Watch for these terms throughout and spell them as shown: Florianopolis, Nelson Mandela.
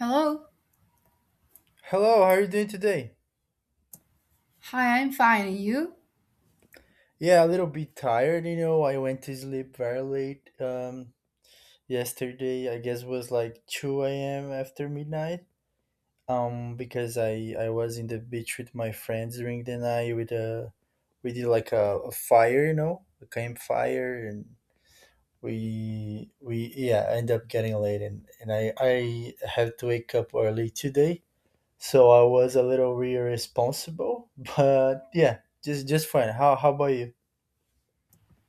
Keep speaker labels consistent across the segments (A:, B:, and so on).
A: Hello.
B: Hello, how are you doing today?
A: Hi, I'm fine. And you?
B: Yeah, a little bit tired, you know. I went to sleep very late yesterday. I guess was like 2 a.m. after midnight. Because I was in the beach with my friends during the night with a we did like a fire, you know, a campfire, and we yeah, end up getting late, and I had to wake up early today. So I was a little irresponsible, but yeah, just fine. How about you?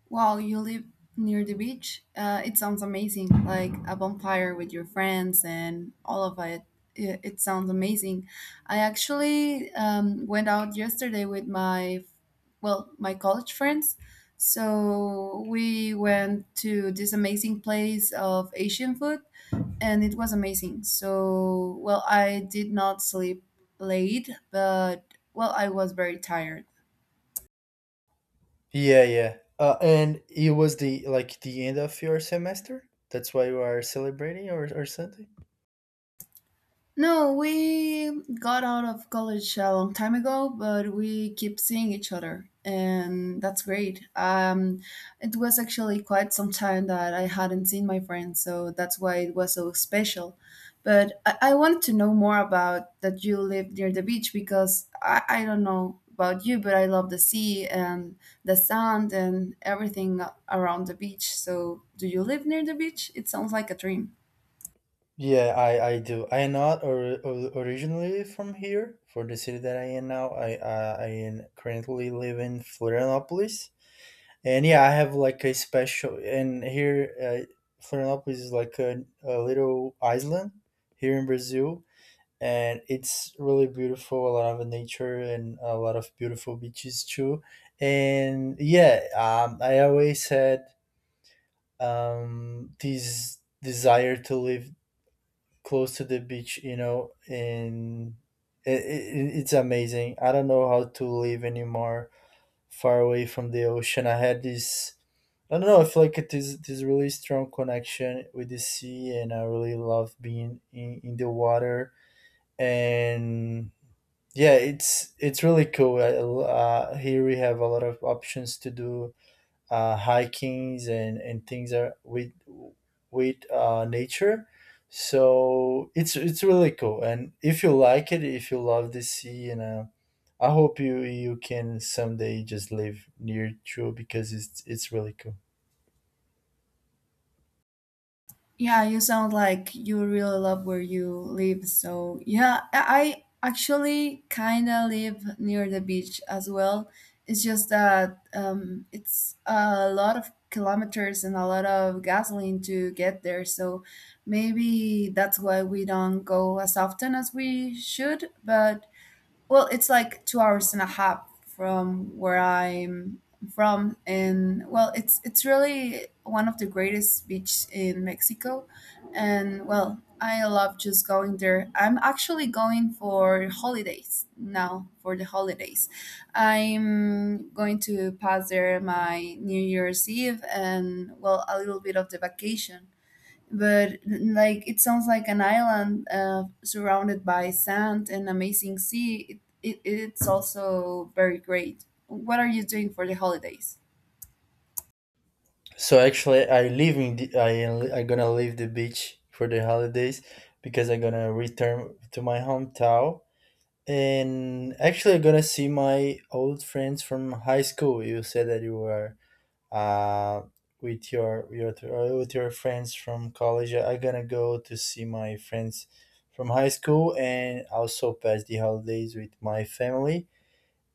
A: Wow, you live near the beach? It sounds amazing. Like a bonfire with your friends and all of it. It sounds amazing. I actually went out yesterday with my college friends. So we went to this amazing place of Asian food and it was amazing. So, well, I did not sleep late, but well, I was very tired.
B: Yeah, yeah. And it was the like the end of your semester. That's why you are celebrating or something.
A: No, we got out of college a long time ago, but we keep seeing each other, and that's great. It was actually quite some time that I hadn't seen my friends, so that's why it was so special. But I wanted to know more about that you live near the beach because I don't know about you, but I love the sea and the sand and everything around the beach. So, do you live near the beach? It sounds like a dream.
B: Yeah, I do. I am not originally from here, for the city that I am now. I am currently live in Florianopolis, and yeah, I have like a special. And here, Florianopolis is like a little island here in Brazil, and it's really beautiful, a lot of nature and a lot of beautiful beaches too. And yeah, I always had this desire to live close to the beach, you know. And it's amazing, I don't know how to live anymore far away from the ocean. I had this, I don't know, I feel like it is this really strong connection with the sea, and I really love being in the water. And yeah, it's really cool. Here we have a lot of options to do hikings and things are with nature. So it's really cool, and if you like it, if you love the sea and I hope you can someday just live near to, because it's really cool.
A: Yeah, you sound like you really love where you live. So, yeah, I actually kind of live near the beach as well. It's just that it's a lot of kilometers and a lot of gasoline to get there. So, maybe that's why we don't go as often as we should. But well, it's like 2 hours and a half from where I'm from, and well, it's really one of the greatest beach in Mexico, and well, I love just going there. I'm actually going for holidays now. For the holidays, I'm going to pass there my New Year's Eve and well, a little bit of the vacation but like it sounds like an island surrounded by sand and amazing sea. It's also very great. What are you doing for the holidays?
B: So actually I live in the, I gonna leave the beach for the holidays because I'm gonna return to my hometown. And actually, I'm gonna see my old friends from high school. You said that you were uh, with your with your friends from college. I'm gonna go to see my friends from high school and also pass the holidays with my family.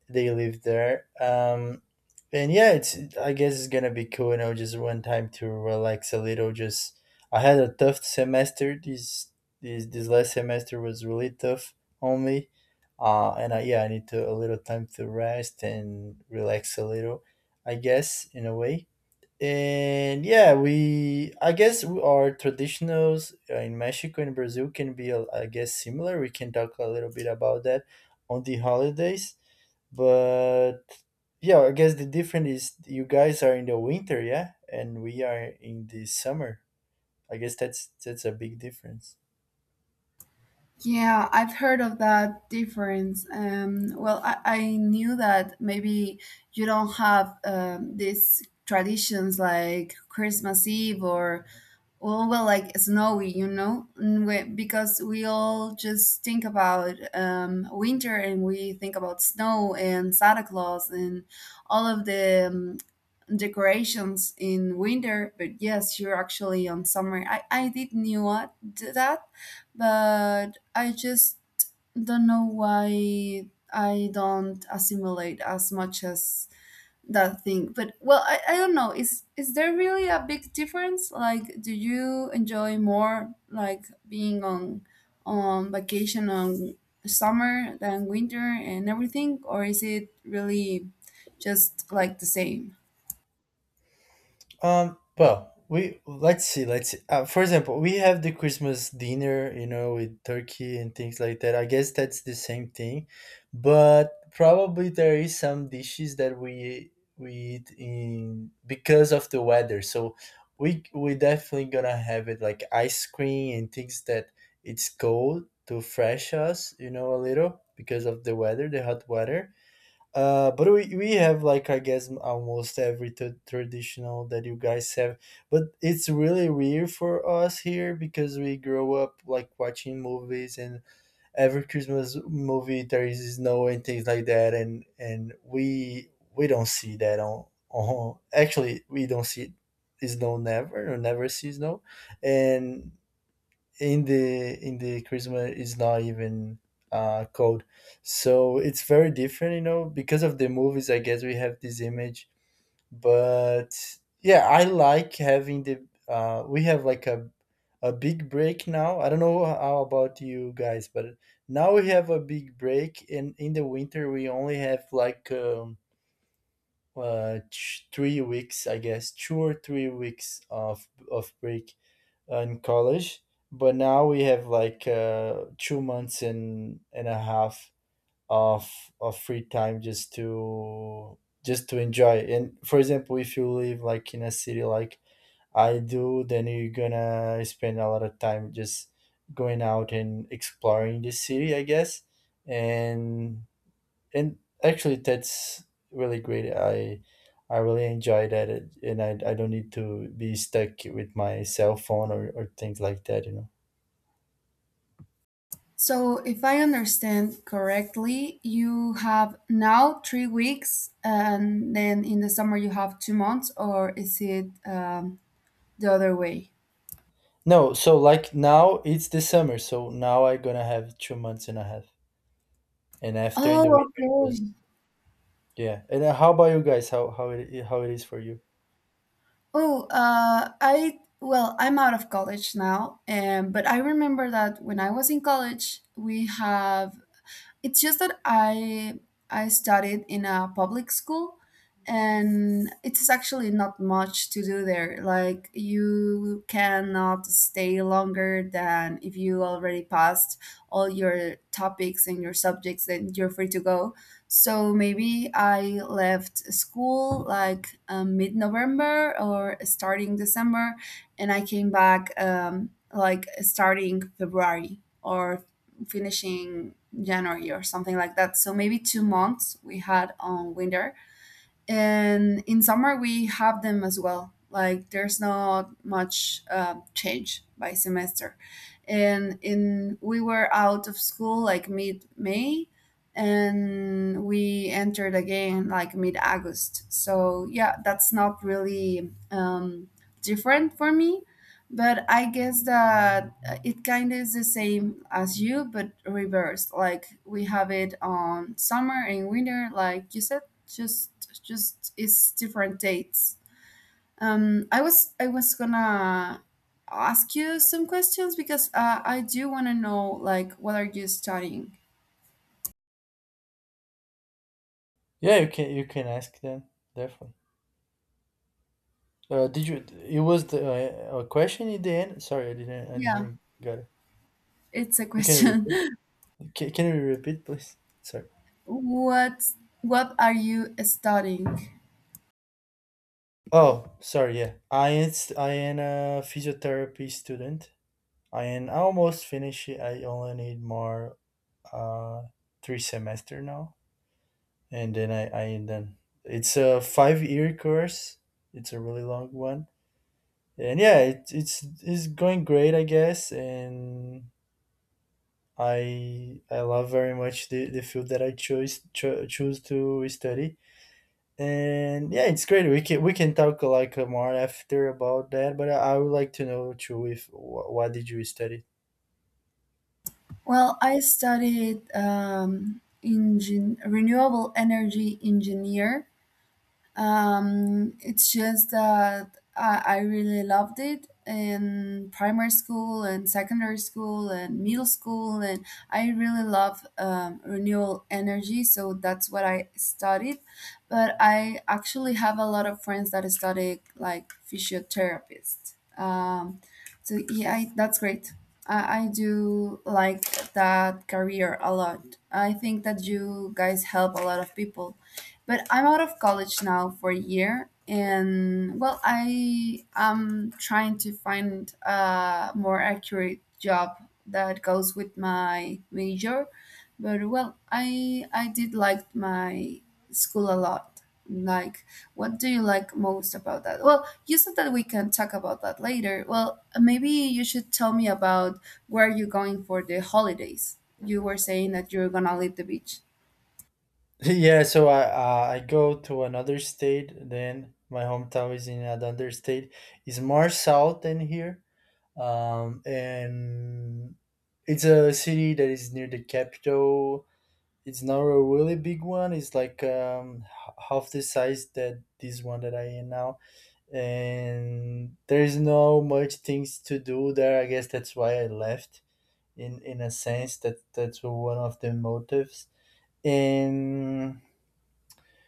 B: They live there. And yeah, it's I guess it's gonna be cool, you know, just one time to relax a little. Just I had a tough semester. This last semester was really tough on me. And yeah, I need to a little time to rest and relax a little, I guess, in a way. And yeah, we I guess our traditionals in Mexico and Brazil can be, I guess, similar. We can talk a little bit about that on the holidays, but yeah, I guess the difference is you guys are in the winter, yeah, and we are in the summer. I guess that's a big difference.
A: Yeah, I've heard of that difference. Well, I knew that maybe you don't have these traditions like Christmas Eve or well, like snowy, you know, because we all just think about winter and we think about snow and Santa Claus and all of the decorations in winter. But yes, you're actually on summer. I did knew that, but I just don't know why I don't assimilate as much as that thing. But well, I don't know. Is there really a big difference? Like, do you enjoy more like being on vacation on summer than winter and everything, or is it really just like the same?
B: Well, we let's see. For example, we have the Christmas dinner, you know, with turkey and things like that. I guess that's the same thing, but probably there is some dishes that we eat in because of the weather. So we definitely gonna have it like ice cream and things that it's cold to fresh us, you know, a little because of the weather, the hot weather. But we have like I guess almost every traditional that you guys have, but it's really weird for us here because we grow up like watching movies, and every Christmas movie there is snow and things like that, and we don't see that on actually we don't see snow never or never see snow, and in the Christmas is not even cold. So it's very different, you know, because of the movies I guess we have this image. But yeah, I like having the we have like a big break now. I don't know how about you guys, but now we have a big break, and in the winter we only have like 3 weeks, I guess, 2 or 3 weeks of break in college, but now we have like 2 months and a half of of free time just to enjoy. And for example, if you live like in a city like I do, then you're gonna spend a lot of time just going out and exploring the city, I guess, and and actually that's really great. I really enjoy that, I don't need to be stuck with my cell phone or things like that, you know.
A: So, if I understand correctly, you have now 3 weeks, and then in the summer you have 2 months, or is it the other way?
B: No, so like now it's the summer, so now I gonna have 2 months and a half, and after in
A: Oh,
B: the winter
A: okay.
B: just yeah. And how about you guys, how it, how it is for you?
A: Oh, I well, I'm out of college now, but I remember that when I was in college, we have it's just that I studied in a public school and it's actually not much to do there. Like you cannot stay longer than if you already passed all your topics and your subjects then you're free to go. So maybe I left school like mid-November or starting December and I came back like starting February or finishing January or something like that. So maybe 2 months we had on winter. And in summer we have them as well. Like there's not much change by semester. And in we were out of school like mid May and we entered again like mid August. So yeah, that's not really different for me but I guess that it kind of is the same as you, but reversed. Like we have it on summer and winter, like you said, just it's different dates. I was gonna ask you some questions because I do want to know like what are you studying?
B: Yeah, you can ask them, definitely. Did you It was the a question in the end, sorry I
A: Yeah,
B: didn't got it.
A: it's a
B: You can
A: question.
B: repeat, can you repeat, please? Sorry.
A: What what are you studying?
B: Oh, sorry. Yeah, I am a physiotherapy student. I am almost finished. It. I only need more uh three semester now, and then I am done. It's a 5 year course. It's a really long one, and yeah, it, it's going great, I guess. And I love very much the field that I chose choose to study. And yeah, it's great, we can talk like more after about that, but I would like to know too if wh- what did you study.
A: Well, I studied renewable energy engineer it's just that I really loved it in primary school and secondary school and middle school, and I really love renewable energy, so that's what I studied. But I actually have a lot of friends that study like physiotherapists. So yeah, I, that's great. I do like that career a lot. I think that you guys help a lot of people but I'm out of college now for a year, and well, I am trying to find a more accurate job that goes with my major. But well, I did like my school a lot. Like, what do you like most about that? Well, you said that we can talk about that later. Well, maybe you should tell me about where you're going for the holidays. You were saying that you're gonna leave the beach.
B: Yeah, so I go to another state, then my hometown is in another state. It's more south than here. And it's a city that is near the capital. It's not a really big one, it's like half the size that this one that I am now. And there's no much things to do there. I guess that's why I left. In a sense, that that's one of the motives. And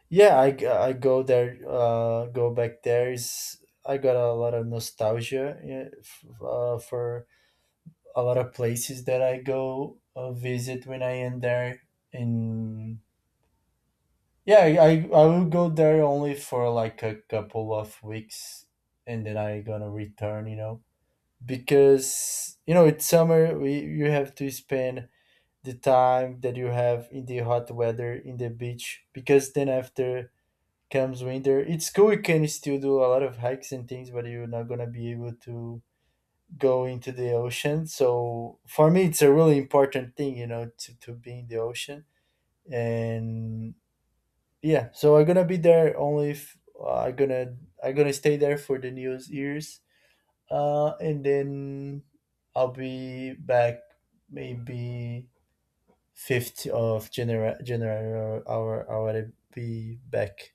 B: yeah, I go there. Go back there is I got a lot of nostalgia, yeah, for a lot of places that I go visit when I am there. And yeah, I will go there only for like a couple of weeks, and then I gonna return. You know. Because you know it's summer, you have to spend the time that you have in the hot weather in the beach, because then after comes winter, it's cool, you can still do a lot of hikes and things, but you're not going to be able to go into the ocean. So for me it's a really important thing, you know, to be in the ocean. And yeah, so I'm gonna be there only if I'm gonna stay there for the New Year's, and then I'll be back maybe 5th of January, January or I will be back.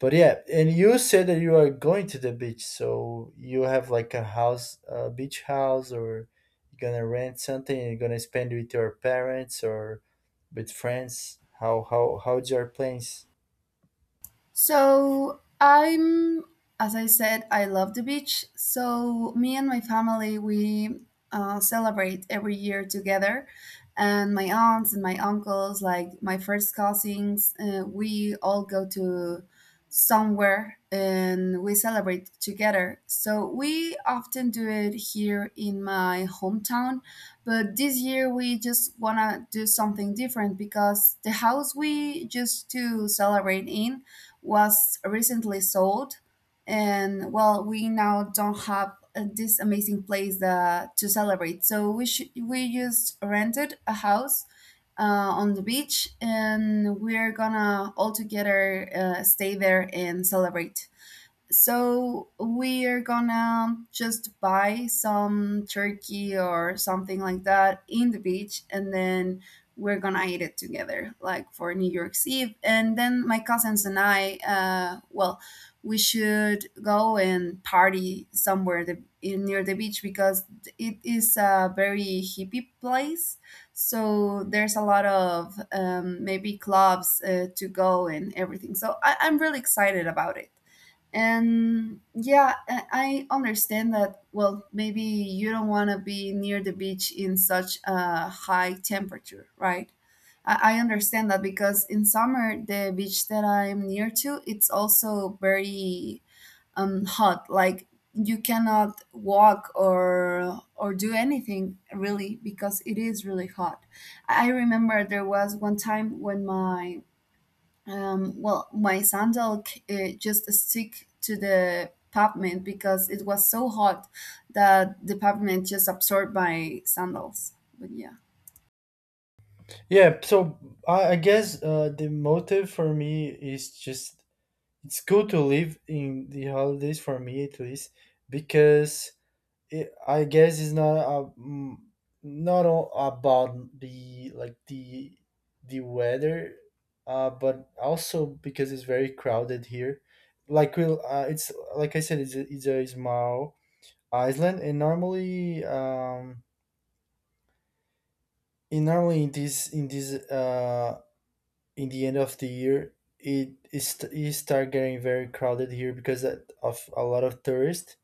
B: But yeah, and you said that you are going to the beach, so you have like a house, a beach house, or you're gonna rent something and you're gonna spend with your parents or with friends. How's your plans?
A: So I'm, as I said, I love the beach. So me and my family, we celebrate every year together, and my aunts and my uncles, like my first cousins, we all go to somewhere and we celebrate together. So we often do it here in my hometown, but this year we just wanna do something different because the house we used to celebrate in was recently sold and well we now don't have this amazing place to celebrate so we just rented a house uh, on the beach and we're gonna all together stay there and celebrate so we're gonna just buy some turkey or something like that in the beach, and then we're gonna eat it together, like for New York's Eve. And then my cousins and I, well, we should go and party somewhere near the beach because it is a very hippie place. So there's a lot of maybe clubs to go and everything. So I, I'm really excited about it. And yeah, I understand that. Well, maybe you don't want to be near the beach in such a high temperature, right? I understand that because in summer, the beach that I'm near to, it's also very hot. Like you cannot walk or do anything really because it is really hot. I remember there was one time when my my sandal just stick to the pavement because it was so hot that the pavement just absorbed my sandals. But yeah,
B: Yeah, so I guess the motive for me is just it's good to live in the holidays for me at least, because it, I guess it's not a, not all about the like the weather, but also because it's very crowded here. Like it's like I said, it's a small island, and normally in the end of the year it start getting very crowded here because of a lot of tourists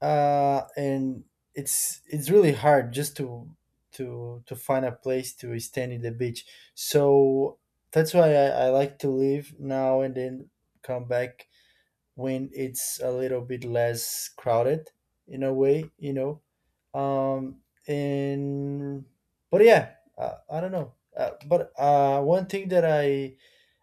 B: and it's really hard just to to find a place to stand in the beach so that's why I like to leave now and then come back when it's a little bit less crowded in a way you know um and but yeah I don't know but one thing that I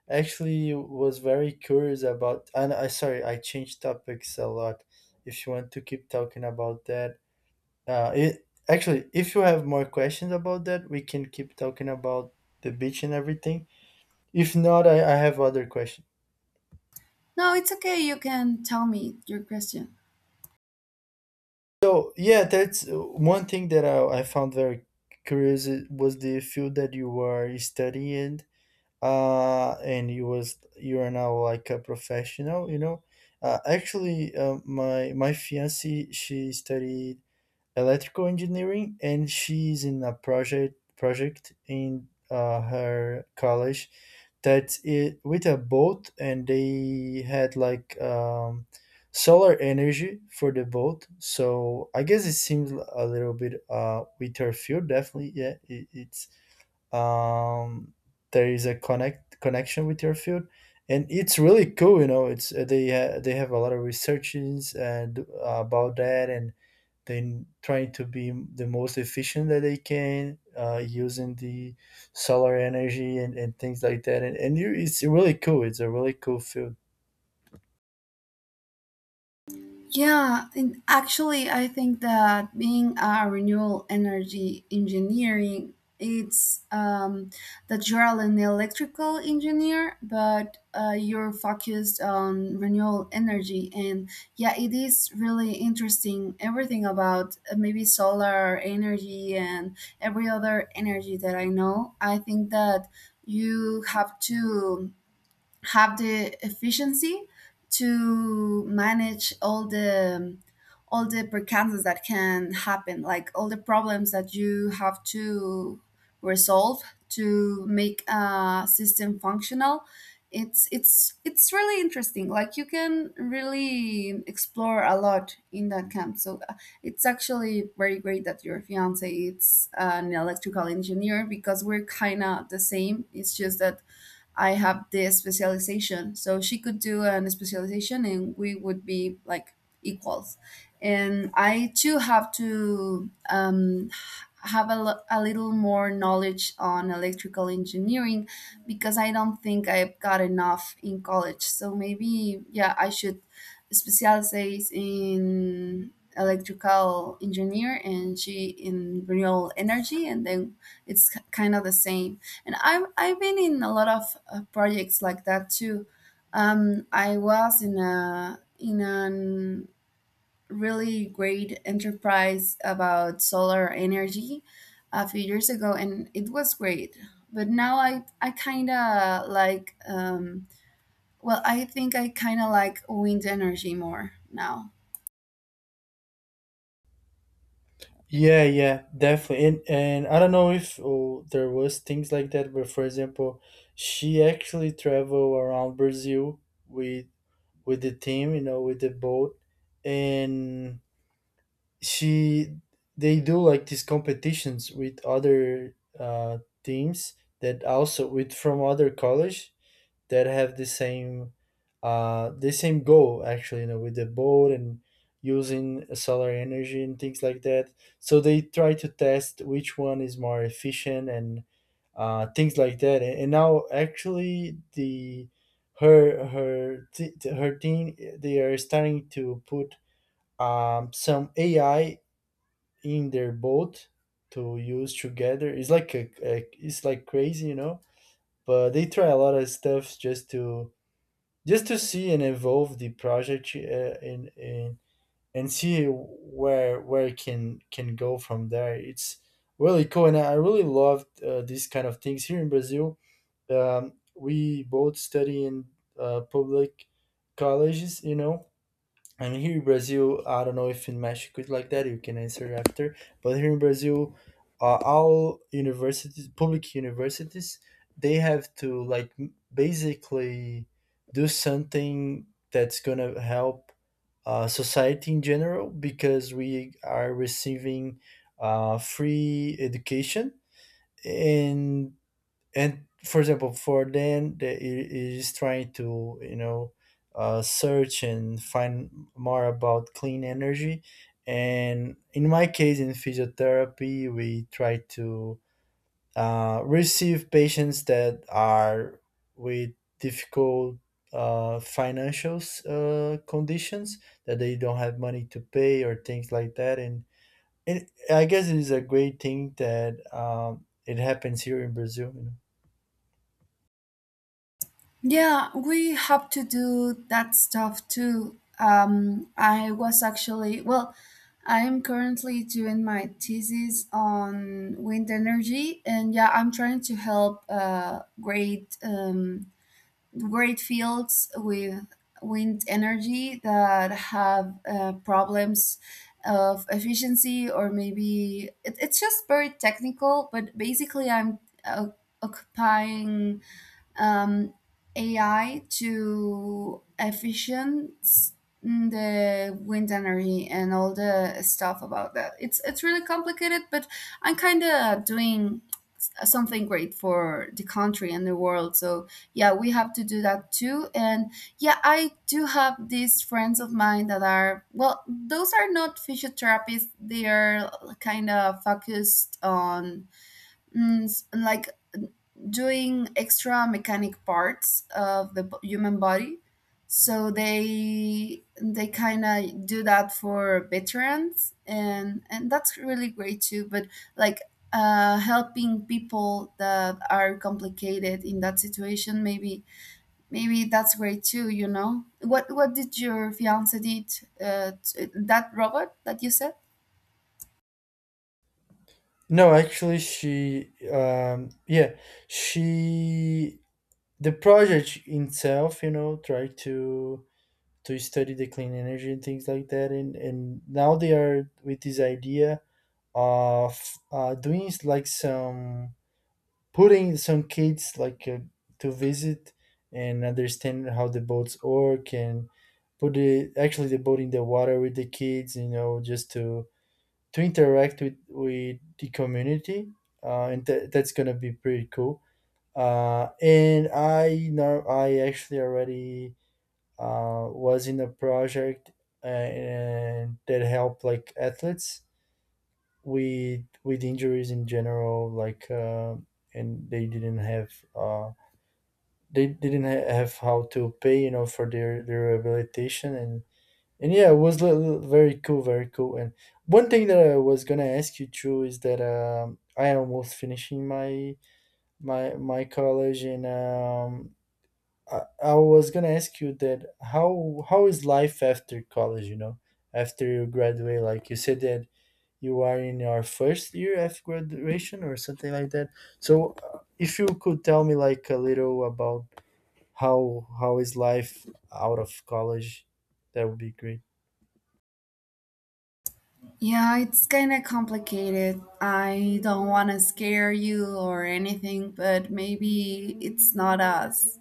B: actually was very curious about and I sorry I changed topics a lot if you want to keep talking about that. It actually, if you have more questions about that, we can keep talking about the beach and everything. If not, I have other questions.
A: no, it's okay. You can tell me your question.
B: So yeah, that's one thing that I found very curious. Was the field that you were studying and you are now like a professional, you know. Actually My fiance, she studied electrical engineering, and she's in a project in her college that it with a boat, and they had like solar energy for the boat. So I guess it seems a little bit with her field. Definitely, yeah, it's um there is a connection with your field, and it's really cool, you know. It's they have a lot of researches and about that, and then trying to be the most efficient that they can, using the solar energy and things like that. And, and you it's really cool, it's a really cool field.
A: Yeah, and actually, I think that being a renewable energy engineering, it's that you're an electrical engineer, but you're focused on renewable energy. And yeah, it is really interesting everything about maybe solar energy and every other energy that I know. I think that you have to have the efficiency to manage all the percances that can happen like all the problems that you have to resolve to make a system functional it's really interesting like you can really explore a lot in that camp so it's actually very great that your fiance is an electrical engineer because we're kind of the same it's just that I have this specialization. So she could do an specialization and we would be like equals. And I too have to have a little more knowledge on electrical engineering because I don't think I've got enough in college. So maybe, yeah, I should specialize in electrical engineer and she in renewable energy and then it's kind of the same. And I've been in a lot of projects like that too. I was in a really great enterprise about solar energy a few years ago, and it was great. But now I kind of like well, I think I kind of like wind energy more now.
B: Yeah, yeah, definitely. And I don't know if there was things like that, but for example, she actually traveled around Brazil with with the team, you know, with the boat, and she they do like these competitions with other teams that also with from other college that have the same goal, actually, you know, with the boat and using solar energy and things like that. So they try to test which one is more efficient and things like that. And now actually the her her team, they are starting to put some ai in their boat to use together. It's like a it's like crazy, you know, but they try a lot of stuff just to see and evolve the project, and, and and see where it can go from there. It's really cool, and I really love these kind of things here in Brazil. We both study in public colleges, you know, and here in Brazil, I don't know if in Mexico it's like that. You can answer after. But here in Brazil, all universities, public universities, they have to like basically do something that's gonna help society in general, because we are receiving free education. and and for example, for them, they it is trying to, you know, search and find more about clean energy. And in my case, in physiotherapy, we try to receive patients that are with difficult financial conditions, that they don't have money to pay or things like that. And I guess it is a great thing that it happens here in Brazil, you know?
A: Yeah, we have to do that stuff too. I was actually, well, I am currently doing my thesis on wind energy, and yeah, I'm trying to help great fields with wind energy that have problems of efficiency or maybe it's just very technical. But basically, I'm uh, occupying um, AI to efficient the wind energy and all the stuff about that. It's really complicated, but I'm kind of doing something great for the country and the world. So yeah, we have to do that too. And yeah, I do have these friends of mine that are well, those are not physiotherapists. They are kind of focused on like doing extra mechanic parts of the human body so they kind of do that for veterans and that's really great too but like helping people that are complicated in that situation maybe maybe that's great too you know what did your fiance did that robot that you said
B: No, actually, yeah, she, the project itself, you know, tried to study the clean energy and things like that, and now they are with this idea of doing like some putting some kids like to visit and understand how the boats work and put the actually the boat in the water with the kids, you know, just to interact with the community, and that that's gonna be pretty cool. And I know I actually already was in a project and that helped like athletes with injuries in general, like, and they didn't have they didn't ha- have how to pay, you know, for their rehabilitation. And yeah, it was very cool, very cool. And one thing that I was gonna ask you too is that, I am almost finishing my college, and I was gonna ask you that, how is life after college, you know, after you graduate. Like you said that you are in your first year after graduation or something like that. So if you could tell me like a little about how is life out of college, that would be great.
A: Yeah, it's kind of complicated. I don't want to scare you or anything, but maybe it's not as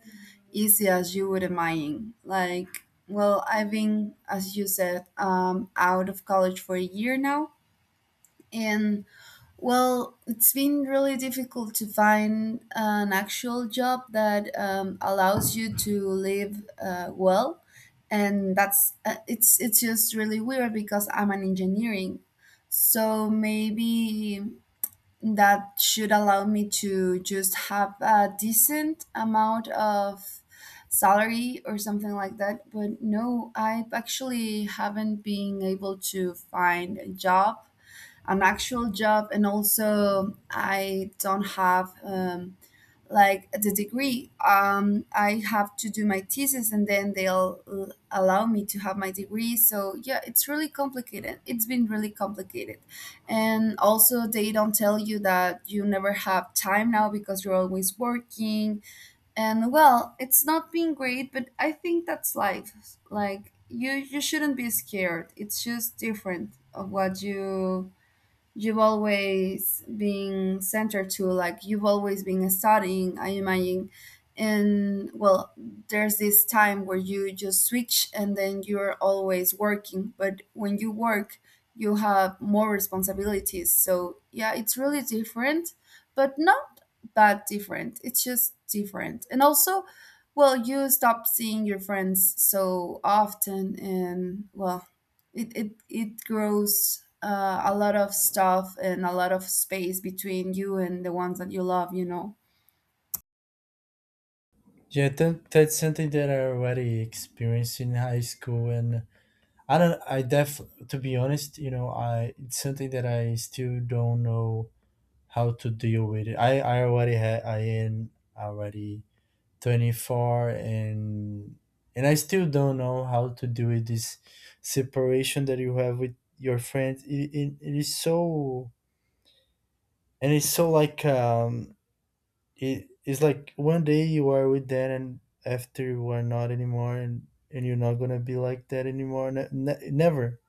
A: easy as you would imagine. Like, well, I've been, as you said, out of college for a year now, and well, it's been really difficult to find an actual job that allows you to live well, and that's it's just really weird because I'm an engineering, so maybe that should allow me to just have a decent amount of salary or something like that. But no, I actually haven't been able to find a job an actual job and also I don't have like the degree I have to do my thesis and then they'll allow me to have my degree so yeah it's really complicated it's been really complicated and also they don't tell you that you never have time now because you're always working and well it's not been great but I think that's life like you shouldn't be scared it's just different of what you you've always been centered to like you've always been studying I imagine and well there's this time where you just switch and then you're always working but when you work you have more responsibilities so yeah it's really different but not that different it's just different and also well you stop seeing your friends so often and well it grows a lot of stuff and a lot of space between you and the ones that you love you know
B: Yeah, that's something that I already experienced in high school, and I don't. I def To be honest, you know, I, it's something that I still don't know how to deal with it. I am already 24, and I still don't know how to deal with this separation that you have with your friends. It is so, and it's so like it's like one day you are with that, and after you are not anymore, and you're not gonna be like that anymore, never.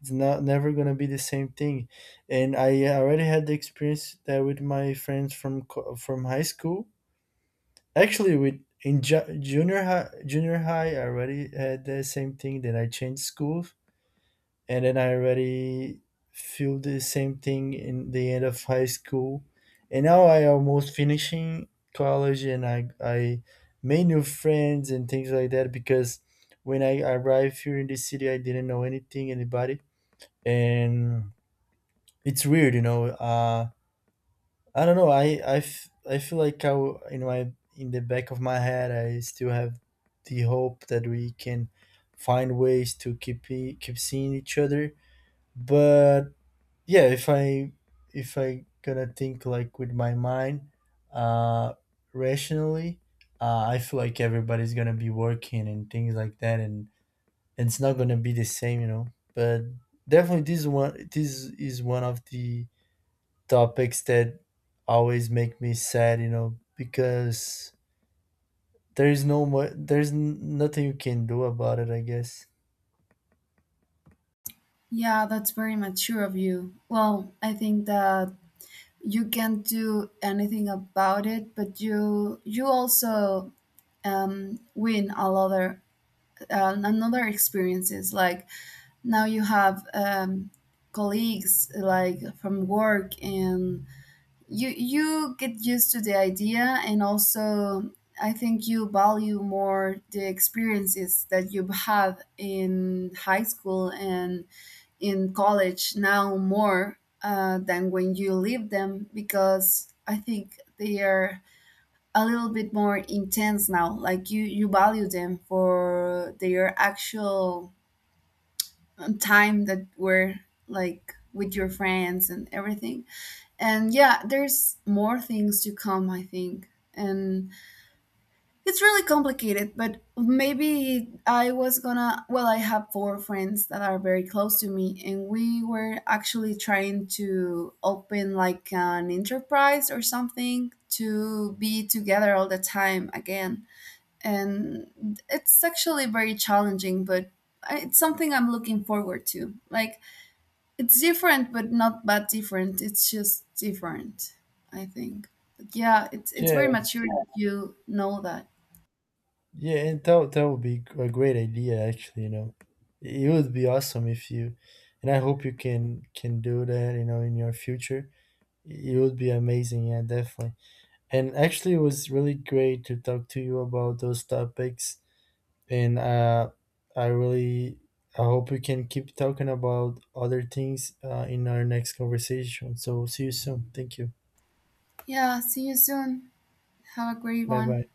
B: It's not never gonna be the same thing. And I already had the experience that with my friends from from high school. Actually, with in junior high, I already had the same thing, that I changed schools, and then I already feel the same thing in the end of high school. And now I almost finishing college, and I made new friends and things like that, because when I arrived here in the city, I didn't know anything anybody. And it's weird, you know. I don't know. I feel like in my in the back of my head, I still have the hope that we can find ways to keep seeing each other. But yeah, if I gonna think like with my mind, uh rationally, I feel like everybody's gonna be working and things like that, and it's not gonna be the same, you know. But definitely this is one of the topics that always make me sad, you know, because there's no mo- there's n- nothing you can do about it, I guess.
A: yeah that's very mature of you well I think that you can't do anything about it but you also win a lot of another experiences like now you have colleagues like from work and you get used to the idea and also I think you value more the experiences that you have in high school and in college now more than when you leave them because I think they are a little bit more intense now like you value them for their actual time that were like with your friends and everything and yeah there's more things to come I think and it's really complicated but maybe I was gonna well I have 4 friends that are very close to me and we were actually trying to open like an enterprise or something to be together all the time again and it's actually very challenging but it's something I'm looking forward to like it's different, but not bad different. It's just different, I think. But yeah, it's very
B: Yeah.
A: mature if you know that.
B: Yeah, and that would be a great idea, actually, you know. It would be awesome if you, and I hope you can do that, you know, in your future. It would be amazing, yeah, definitely. And actually it was really great to talk to you about those topics, and I really, I hope we can keep talking about other things, in our next conversation. So see you soon. Thank you.
A: Yeah, see you soon. Have a great
B: Bye bye.
A: one.